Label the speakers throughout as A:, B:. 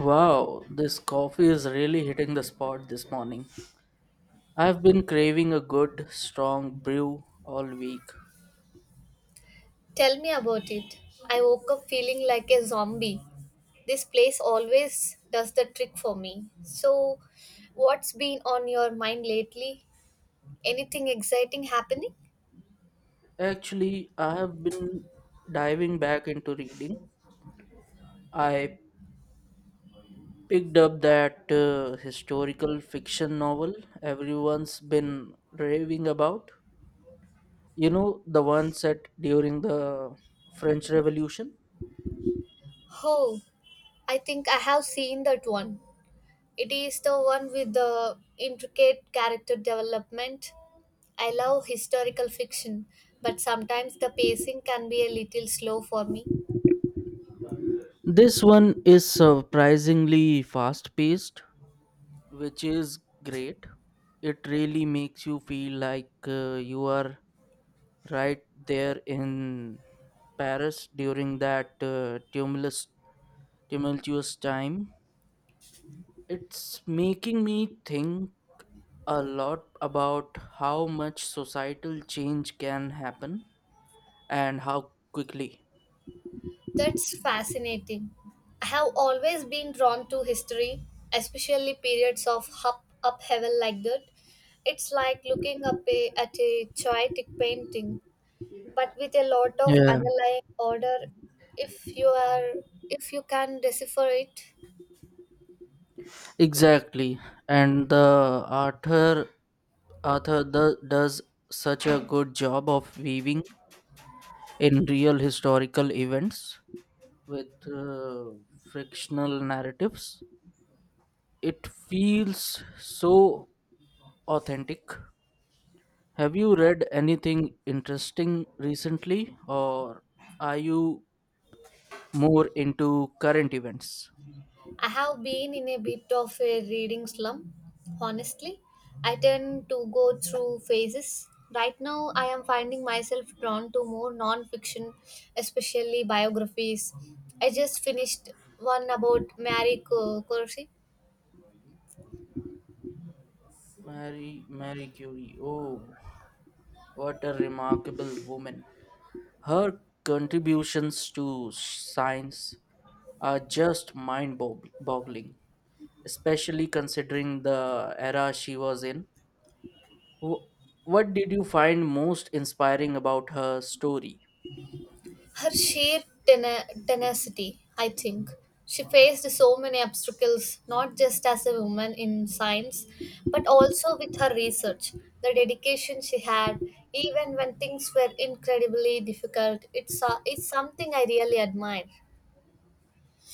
A: Wow, this coffee is really hitting the spot this morning. I've been craving a good, strong brew all week.
B: Tell me about it. I woke up feeling like a zombie. This place always does the trick for me. So, what's been on your mind lately? Anything exciting happening?
A: Actually, I have been diving back into reading. I picked up that historical fiction novel everyone's been raving about. You know, the one set during the French Revolution?
B: Oh, I think I have seen that one. It is the one with the intricate character development. I love historical fiction, but sometimes the pacing can be a little slow for me.
A: This one is surprisingly fast paced, which is great. It really makes you feel like you are right there in Paris during that tumultuous time. It's making me think a lot about how much societal change can happen and how quickly.
B: That's fascinating. I have always been drawn to history, especially periods of up upheaval like that. It's like looking at a chaotic painting, but with a lot of
A: Yeah,
B: underlying order if you are if you can decipher it.
A: exactly. And the does such a good job of weaving in real historical events with frictional narratives. It feels so authentic. Have you read anything interesting recently, or are you more into current events?
B: I have been in a bit of a reading slump, honestly. I tend to go through phases. Right now, I am finding myself drawn to more non fiction, especially biographies. I just finished one about Corsi.
A: Mary Curie. Oh, what a remarkable woman. Her contributions to science are just mind boggling, especially considering the era she was in. Wh- What did you find most inspiring about her story?
B: Her sheer tenacity, I think. She faced so many obstacles, not just as a woman in science, but also with her research. The dedication she had, even when things were incredibly difficult, it's something I really admire.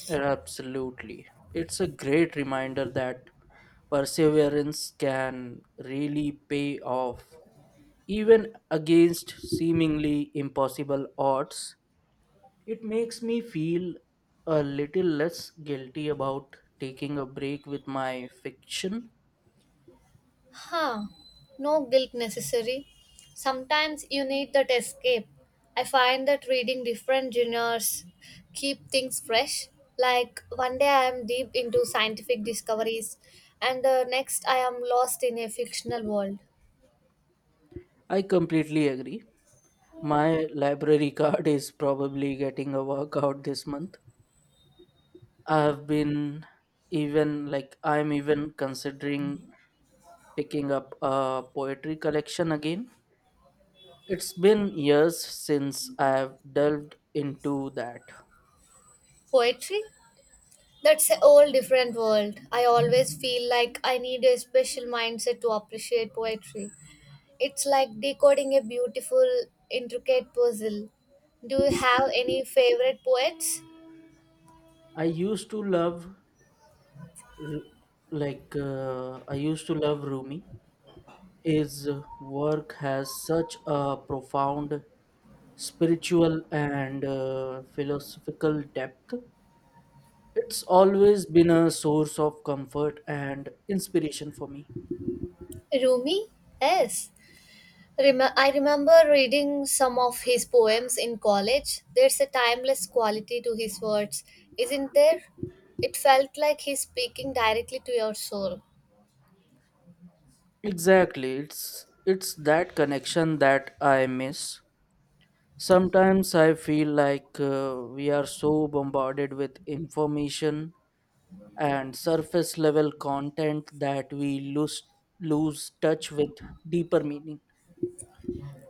A: Absolutely. It's a great reminder that perseverance can really pay off. Even against seemingly impossible odds, it makes me feel a little less guilty about taking a break with my fiction.
B: Huh, no guilt necessary. Sometimes you need that escape. I find that reading different genres keep things fresh. Like one day I am deep into scientific discoveries, and the next I am lost in a fictional world.
A: I completely agree. My library card is probably getting a workout this month. I have been even like I'm even considering picking up a poetry collection again. It's been years since I've delved into that.
B: Poetry? That's a whole different world. I always feel like I need a special mindset to appreciate poetry. It's like decoding a beautiful, intricate puzzle. Do you have any favorite poets?
A: I used to love Ru- I used to love Rumi. His work has such a profound spiritual and philosophical depth. It's always been a source of comfort and inspiration for me.
B: Rumi? Yes. I remember reading some of his poems in college. There's a timeless quality to his words, isn't there? It felt like he's speaking directly to your soul.
A: Exactly. It's that connection that I miss. Sometimes I feel like we are so bombarded with information and surface level content that we lose touch with deeper meaning.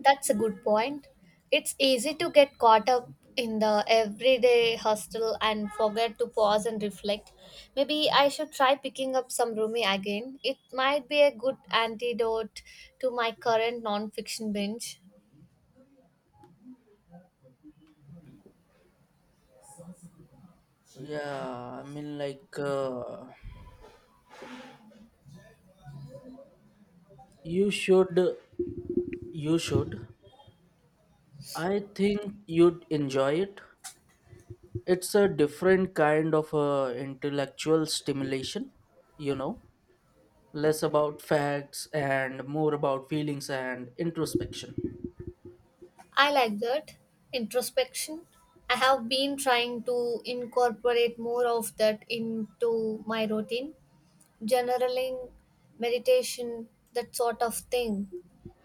B: That's a good point. It's easy to get caught up in the everyday hustle and forget to pause and reflect. Maybe I should try picking up some Rumi again. It might be a good antidote to my current non-fiction binge.
A: Yeah, I mean like you should you should. I think you'd enjoy it. It's a different kind of intellectual stimulation, you know, less about facts and more about feelings and introspection.
B: I like that introspection. I have been trying to incorporate more of that into my routine, journaling, meditation, that sort of thing.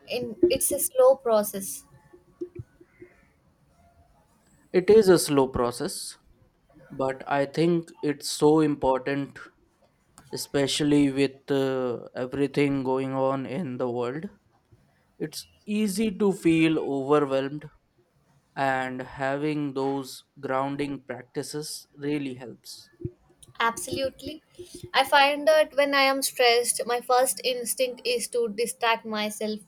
B: In It's a slow process.
A: It is a slow process, but I think it's so important, especially with everything going on in the world. It's easy to feel overwhelmed, and having those grounding practices really helps.
B: Absolutely. I find that when I am stressed, my first instinct is to distract myself.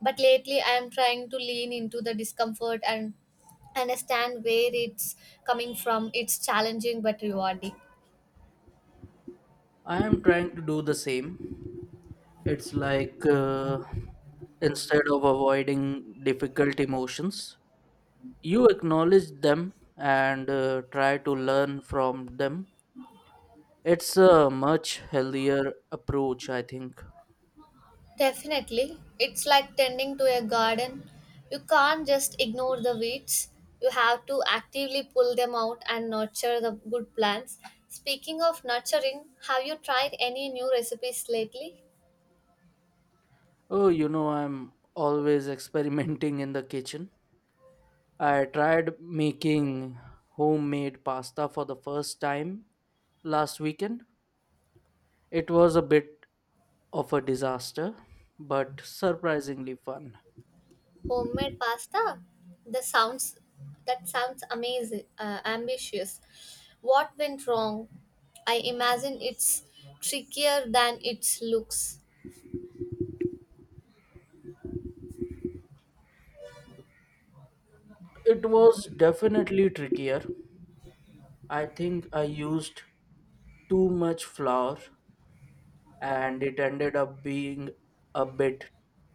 B: But lately I am trying to lean into the discomfort and understand where it's coming from. It's challenging but rewarding.
A: I am trying to do the same. It's like instead of avoiding difficult emotions, you acknowledge them and try to learn from them. It's a much healthier approach, I think.
B: Definitely. It's like tending to a garden. You can't just ignore the weeds. You have to actively pull them out and nurture the good plants. Speaking of nurturing, have you tried any new recipes lately?
A: Oh, you know, I'm always experimenting in the kitchen. I tried making homemade pasta for the first time last weekend. It was a bit of a disaster, but surprisingly fun.
B: Homemade pasta? The sounds That sounds amazing, ambitious. What went wrong? I imagine it's trickier than it looks.
A: It was definitely trickier. I think I used too much flour and it ended up being a bit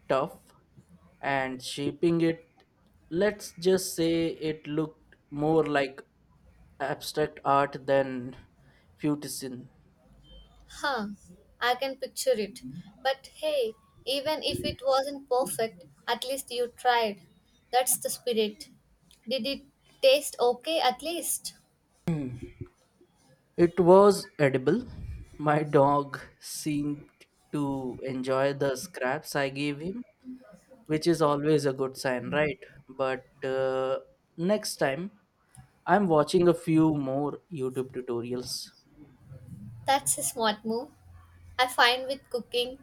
A: tough and shaping it. Let's just say it looked more like abstract art than futism.
B: Huh, I can picture it. But hey, even if it wasn't perfect, at least you tried. That's the spirit. Did it taste okay at least?
A: It was edible. My dog seemed to enjoy the scraps I gave him, which is always a good sign, right? But next time, I'm watching a few more YouTube tutorials.
B: That's a smart move. I find with cooking,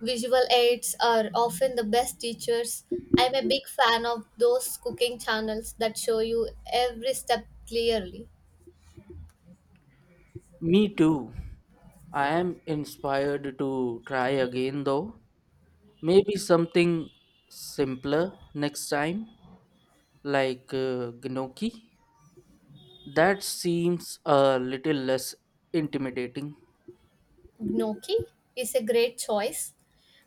B: visual aids are often the best teachers. I'm a big fan of those cooking channels that show you every step clearly.
A: Me too. I am inspired to try again though. Maybe something simpler next time, like gnocchi. That seems a little less intimidating.
B: Gnocchi is a great choice.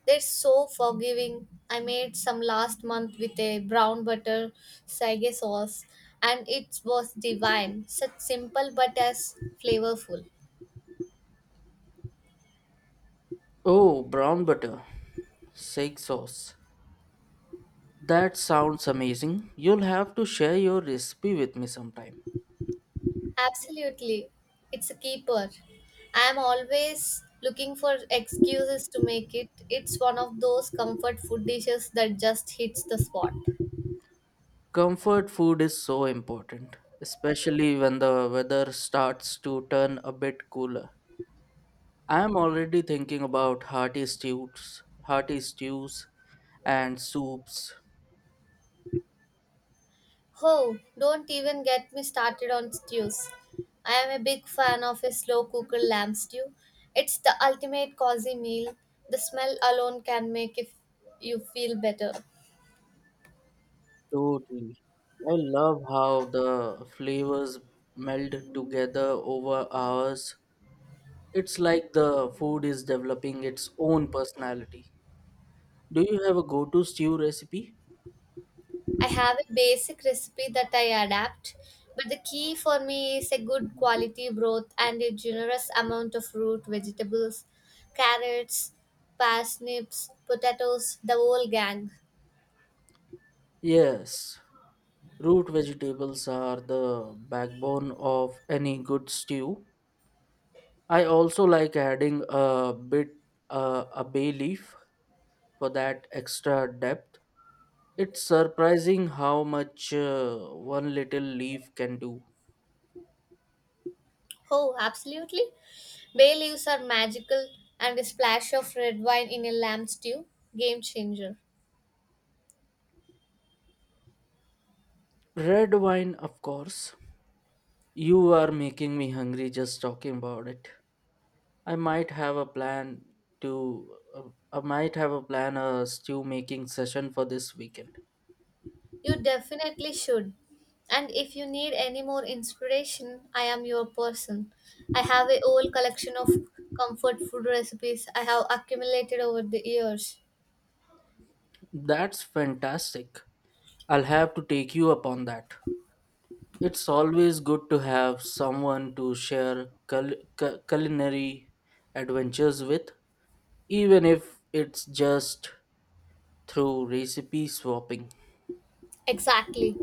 B: They're so forgiving. I made some last month with a brown butter sage sauce and it was divine. Such simple but as flavorful.
A: Oh, brown butter, sage sauce. That sounds amazing. You'll have to share your recipe with me sometime.
B: Absolutely. It's a keeper. I am always looking for excuses to make it. It's one of those comfort food dishes that just hits the spot.
A: Comfort food is so important, especially when the weather starts to turn a bit cooler. I am already thinking about hearty stews and soups.
B: Oh, don't even get me started on stews. I am a big fan of a slow cooker lamb stew. It's the ultimate cozy meal. The smell alone can make if you feel better.
A: Totally. I love how the flavors meld together over hours. It's like the food is developing its own personality. Do you have a go-to stew recipe?
B: I have a basic recipe that I adapt, but the key for me is a good quality broth and a generous amount of root vegetables, carrots, parsnips, potatoes, the whole gang.
A: Yes, root vegetables are the backbone of any good stew. I also like adding a bay leaf for that extra depth. It's surprising how much one little leaf can do.
B: Oh, absolutely. Bay leaves are magical, and a splash of red wine in a lamb stew, game changer.
A: Red wine, of course. You are making me hungry just talking about it. I might have a plan to uh, I might have a plan a stew making session for this weekend.
B: You definitely should. And if you need any more inspiration, I am your person. I have a whole collection of comfort food recipes I have accumulated over the years.
A: That's fantastic. I'll have to take you upon that. It's always good to have someone to share culinary adventures with, even if it's just through recipe swapping.
B: Exactly.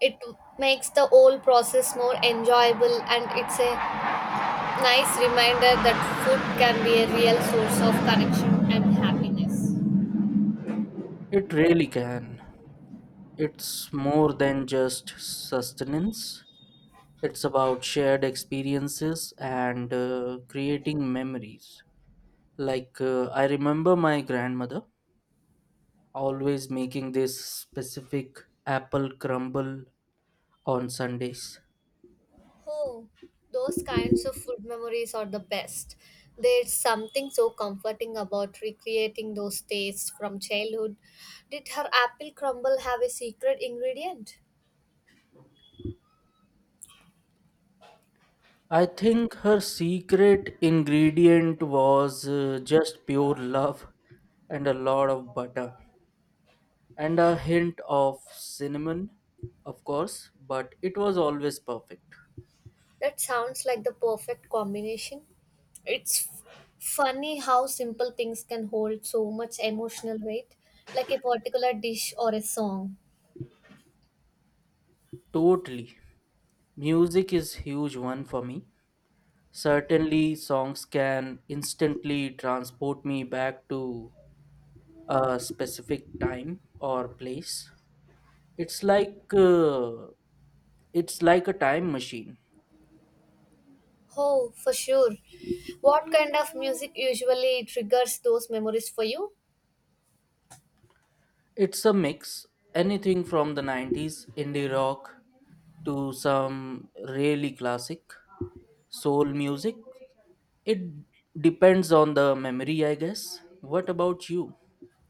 B: It makes the whole process more enjoyable and it's a nice reminder that food can be a real source of connection and happiness.
A: It really can. It's more than just sustenance, it's about shared experiences and creating memories. Like, I remember my grandmother always making this specific apple crumble on Sundays.
B: Oh, those kinds of food memories are the best. There's something so comforting about recreating those tastes from childhood. Did her apple crumble have a secret ingredient?
A: I think her secret ingredient was just pure love and a lot of butter and a hint of cinnamon, of course, but it was always perfect.
B: That sounds like the perfect combination. It's f- funny how simple things can hold so much emotional weight, like a particular dish or a song.
A: Totally. Music is huge one for me. Certainly songs can instantly transport me back to a specific time or place. It's like uh, it's like a time machine.
B: Oh, for sure. What kind of music usually triggers those memories for you?
A: It's a mix, anything from the 90s indie rock to some really classic soul music. It depends on the memory, I guess. What about you?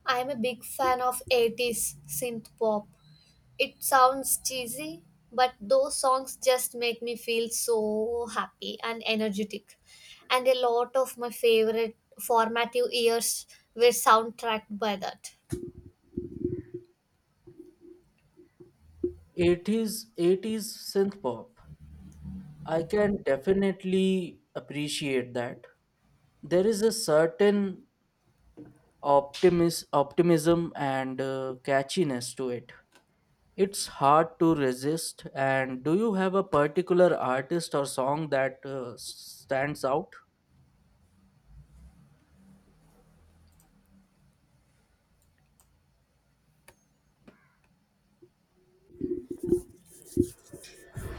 B: I'm a big fan of 80s synth pop. It sounds cheesy, but those songs just make me feel so happy and energetic. And a lot of my favorite formative years were soundtracked by that.
A: 80s synth pop. I can definitely appreciate that. There is a certain optimism and catchiness to it. It's hard to resist. And do you have a particular artist or song that stands out?